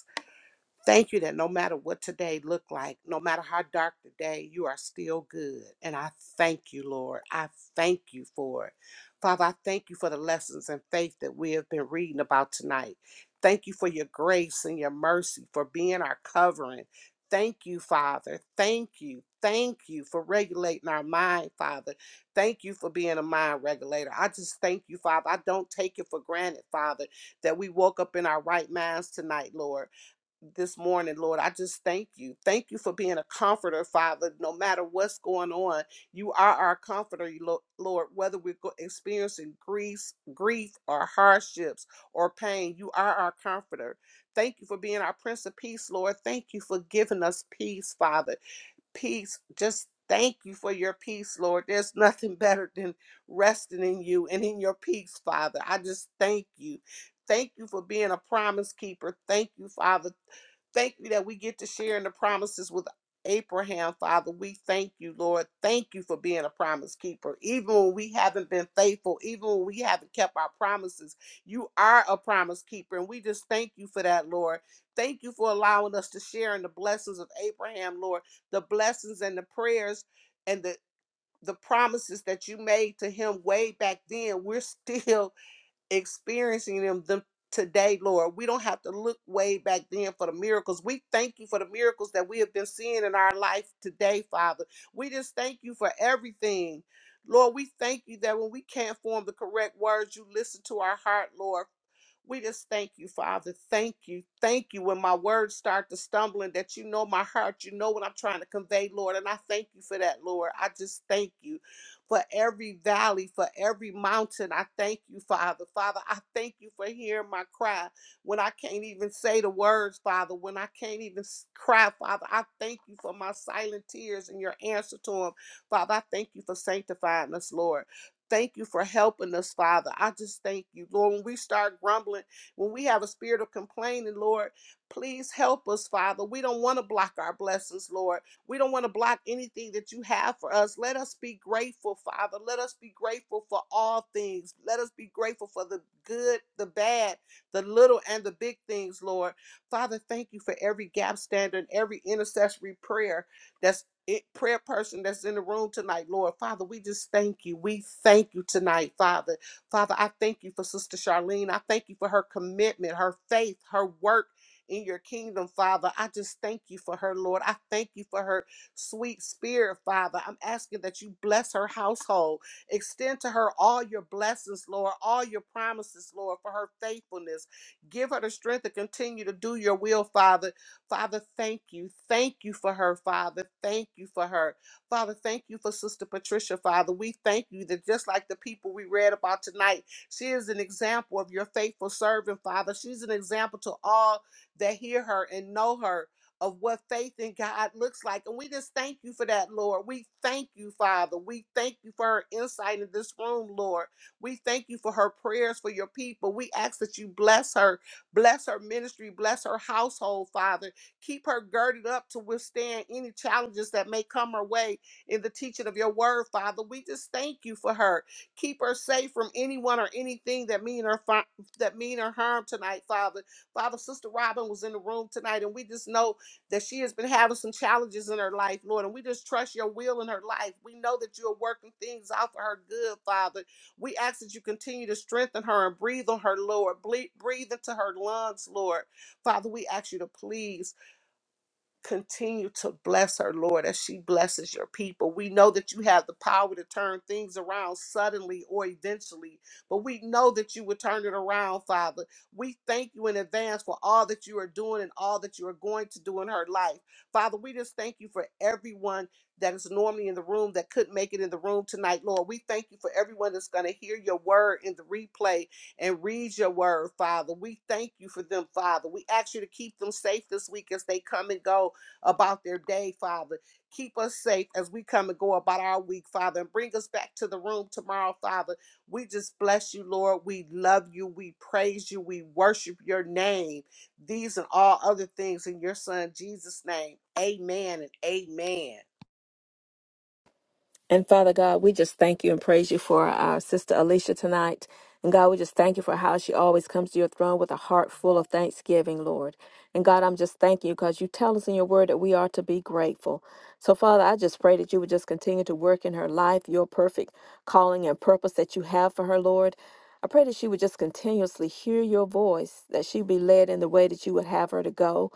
[SPEAKER 1] Thank you that no matter what today looked like, no matter how dark the day, you are still good. And I thank you, Lord. I thank you for it. Father, I thank you for the lessons and faith that we have been reading about tonight. Thank you for your grace and your mercy, for being our covering. Thank you, Father. Thank you. Thank you for regulating our mind, Father. Thank you for being a mind regulator. I just thank you, Father. I don't take it for granted, Father, that we woke up in our right minds tonight, Lord this morning, Lord. I just thank you. Thank you for being a comforter, Father. No matter what's going on, you are our comforter, you lo- Lord. Whether we're go- experiencing grief, grief or hardships or pain, you are our comforter. Thank you for being our Prince of Peace, Lord. Thank you for giving us peace, Father. Peace. Just thank you for your peace, Lord. There's nothing better than resting in you and in your peace, Father. I just thank you. Thank you for being a promise keeper. Thank you, Father. Thank you that we get to share in the promises with Abraham, Father. We thank you, Lord. Thank you for being a promise keeper. Even when we haven't been faithful, even when we haven't kept our promises, you are a promise keeper. And we just thank you for that, Lord. Thank you for allowing us to share in the blessings of Abraham, Lord, the blessings and the prayers and the the promises that you made to him way back then, we're still experiencing them, them today, Lord. We don't have to look way back then for the miracles. We thank you for the miracles that we have been seeing in our life today, Father. We just thank you for everything. Lord, we thank you that when we can't form the correct words, you listen to our heart, Lord. We just thank you, Father. Thank you. Thank you. When my words start to stumbling, that you know my heart, you know what I'm trying to convey, Lord. And I thank you for that, Lord. I just thank you for every valley, for every mountain. I thank you, Father. Father, I thank you for hearing my cry when I can't even say the words, Father, when I can't even s- cry, Father. I thank you for my silent tears and your answer to them. Father, I thank you for sanctifying us, Lord. Thank you for helping us, Father. I just thank you, Lord. When we start grumbling, when we have a spirit of complaining, Lord, please help us, Father. We don't want to block our blessings, Lord. We don't want to block anything that you have for us. Let us be grateful, Father. Let us be grateful for all things. Let us be grateful for the good, the bad, the little, and the big things, Lord. Father, thank you for every gap standard, every intercessory prayer that's it, prayer person that's in the room tonight, Lord. Father, we just thank you. We thank you tonight, Father. Father, I thank you for Sister Charlene. I thank you for her commitment, her faith, her work in your kingdom, Father. I just thank you for her, Lord. I thank you for her sweet spirit, Father. I'm asking that you bless her household. Extend to her all your blessings, Lord, all your promises, Lord, for her faithfulness. Give her the strength to continue to do your will, Father. Father, thank you. Thank you for her, Father. Thank you for her. Father, thank you for Sister Patricia, Father. We thank you that just like the people we read about tonight, she is an example of your faithful servant, Father. She's an example to all that hear her and know her of what faith in God looks like. And we just thank you for that, Lord. We thank you, Father. We thank you for her insight in this room, Lord. We thank you for her prayers for your people. We ask that you bless her, bless her ministry, bless her household, Father. Keep her girded up to withstand any challenges that may come her way in the teaching of your word, Father. We just thank you for her. Keep her safe from anyone or anything that mean her fi- that mean her harm tonight, Father. Father, Sister Robin was in the room tonight, and we just know that she has been having some challenges in her life, Lord, and we just trust your will in her life. We know that you are working things out for her good, Father. We ask that you continue to strengthen her and breathe on her, Lord. Ble- breathe into her lungs, Lord. Father, we ask you to please continue to bless her, Lord, as she blesses your people. We know that you have the power to turn things around suddenly or eventually, but we know that you will turn it around, Father. We thank you in advance for all that you are doing and all that you are going to do in her life. Father, we just thank you for everyone that is normally in the room that couldn't make it in the room tonight, Lord. We thank you for everyone that's going to hear your word in the replay and read your word, Father. We thank you for them, Father. We ask you to keep them safe this week as they come and go about their day, Father. Keep us safe as we come and go about our week, Father, and bring us back to the room tomorrow, Father. We just bless you, Lord. We love you. We praise you. We worship your name. These and all other things in your son, Jesus' name. Amen and amen.
[SPEAKER 3] And Father God, we just thank you and praise you for our sister Alicia tonight. And God, we just thank you for how she always comes to your throne with a heart full of thanksgiving, Lord. And God, I'm just thanking you because you tell us in your word that we are to be grateful. So, Father, I just pray that you would just continue to work in her life, your perfect calling and purpose that you have for her, Lord. I pray that she would just continuously hear your voice, that she be led in the way that you would have her to go.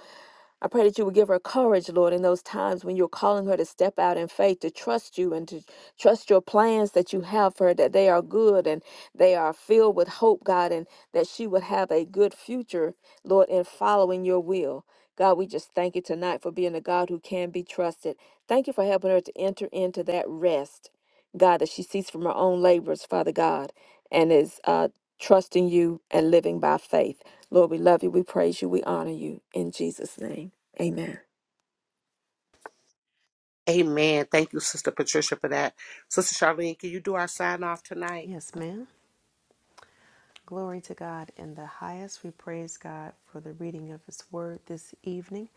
[SPEAKER 3] I pray that you would give her courage, Lord, in those times when you're calling her to step out in faith, to trust you and to trust your plans that you have for her, that they are good and they are filled with hope, God, and that she would have a good future, Lord, in following your will. God, we just thank you tonight for being a God who can be trusted. Thank you for helping her to enter into that rest God, that she sees from her own labors, Father God, and is uh, trusting you and living by faith. Lord, we love you, we praise you, we honor you. In Jesus' name, amen.
[SPEAKER 1] Amen. Thank you, Sister Patricia, for that. Sister Charlene, can you do our sign off tonight?
[SPEAKER 2] Yes, ma'am. Glory to God in the highest. We praise God for the reading of His Word this evening.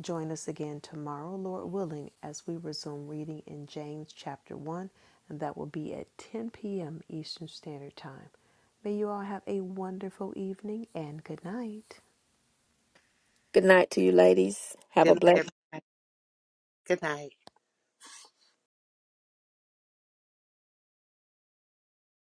[SPEAKER 2] Join us again tomorrow, Lord willing, as we resume reading in James chapter 1, and that will be at 10 p.m. Eastern Standard Time. May you all have a wonderful evening and good night.
[SPEAKER 3] Good night to you, ladies. Have
[SPEAKER 1] Good
[SPEAKER 3] a
[SPEAKER 1] night,
[SPEAKER 3] blessed
[SPEAKER 1] everybody. Good night.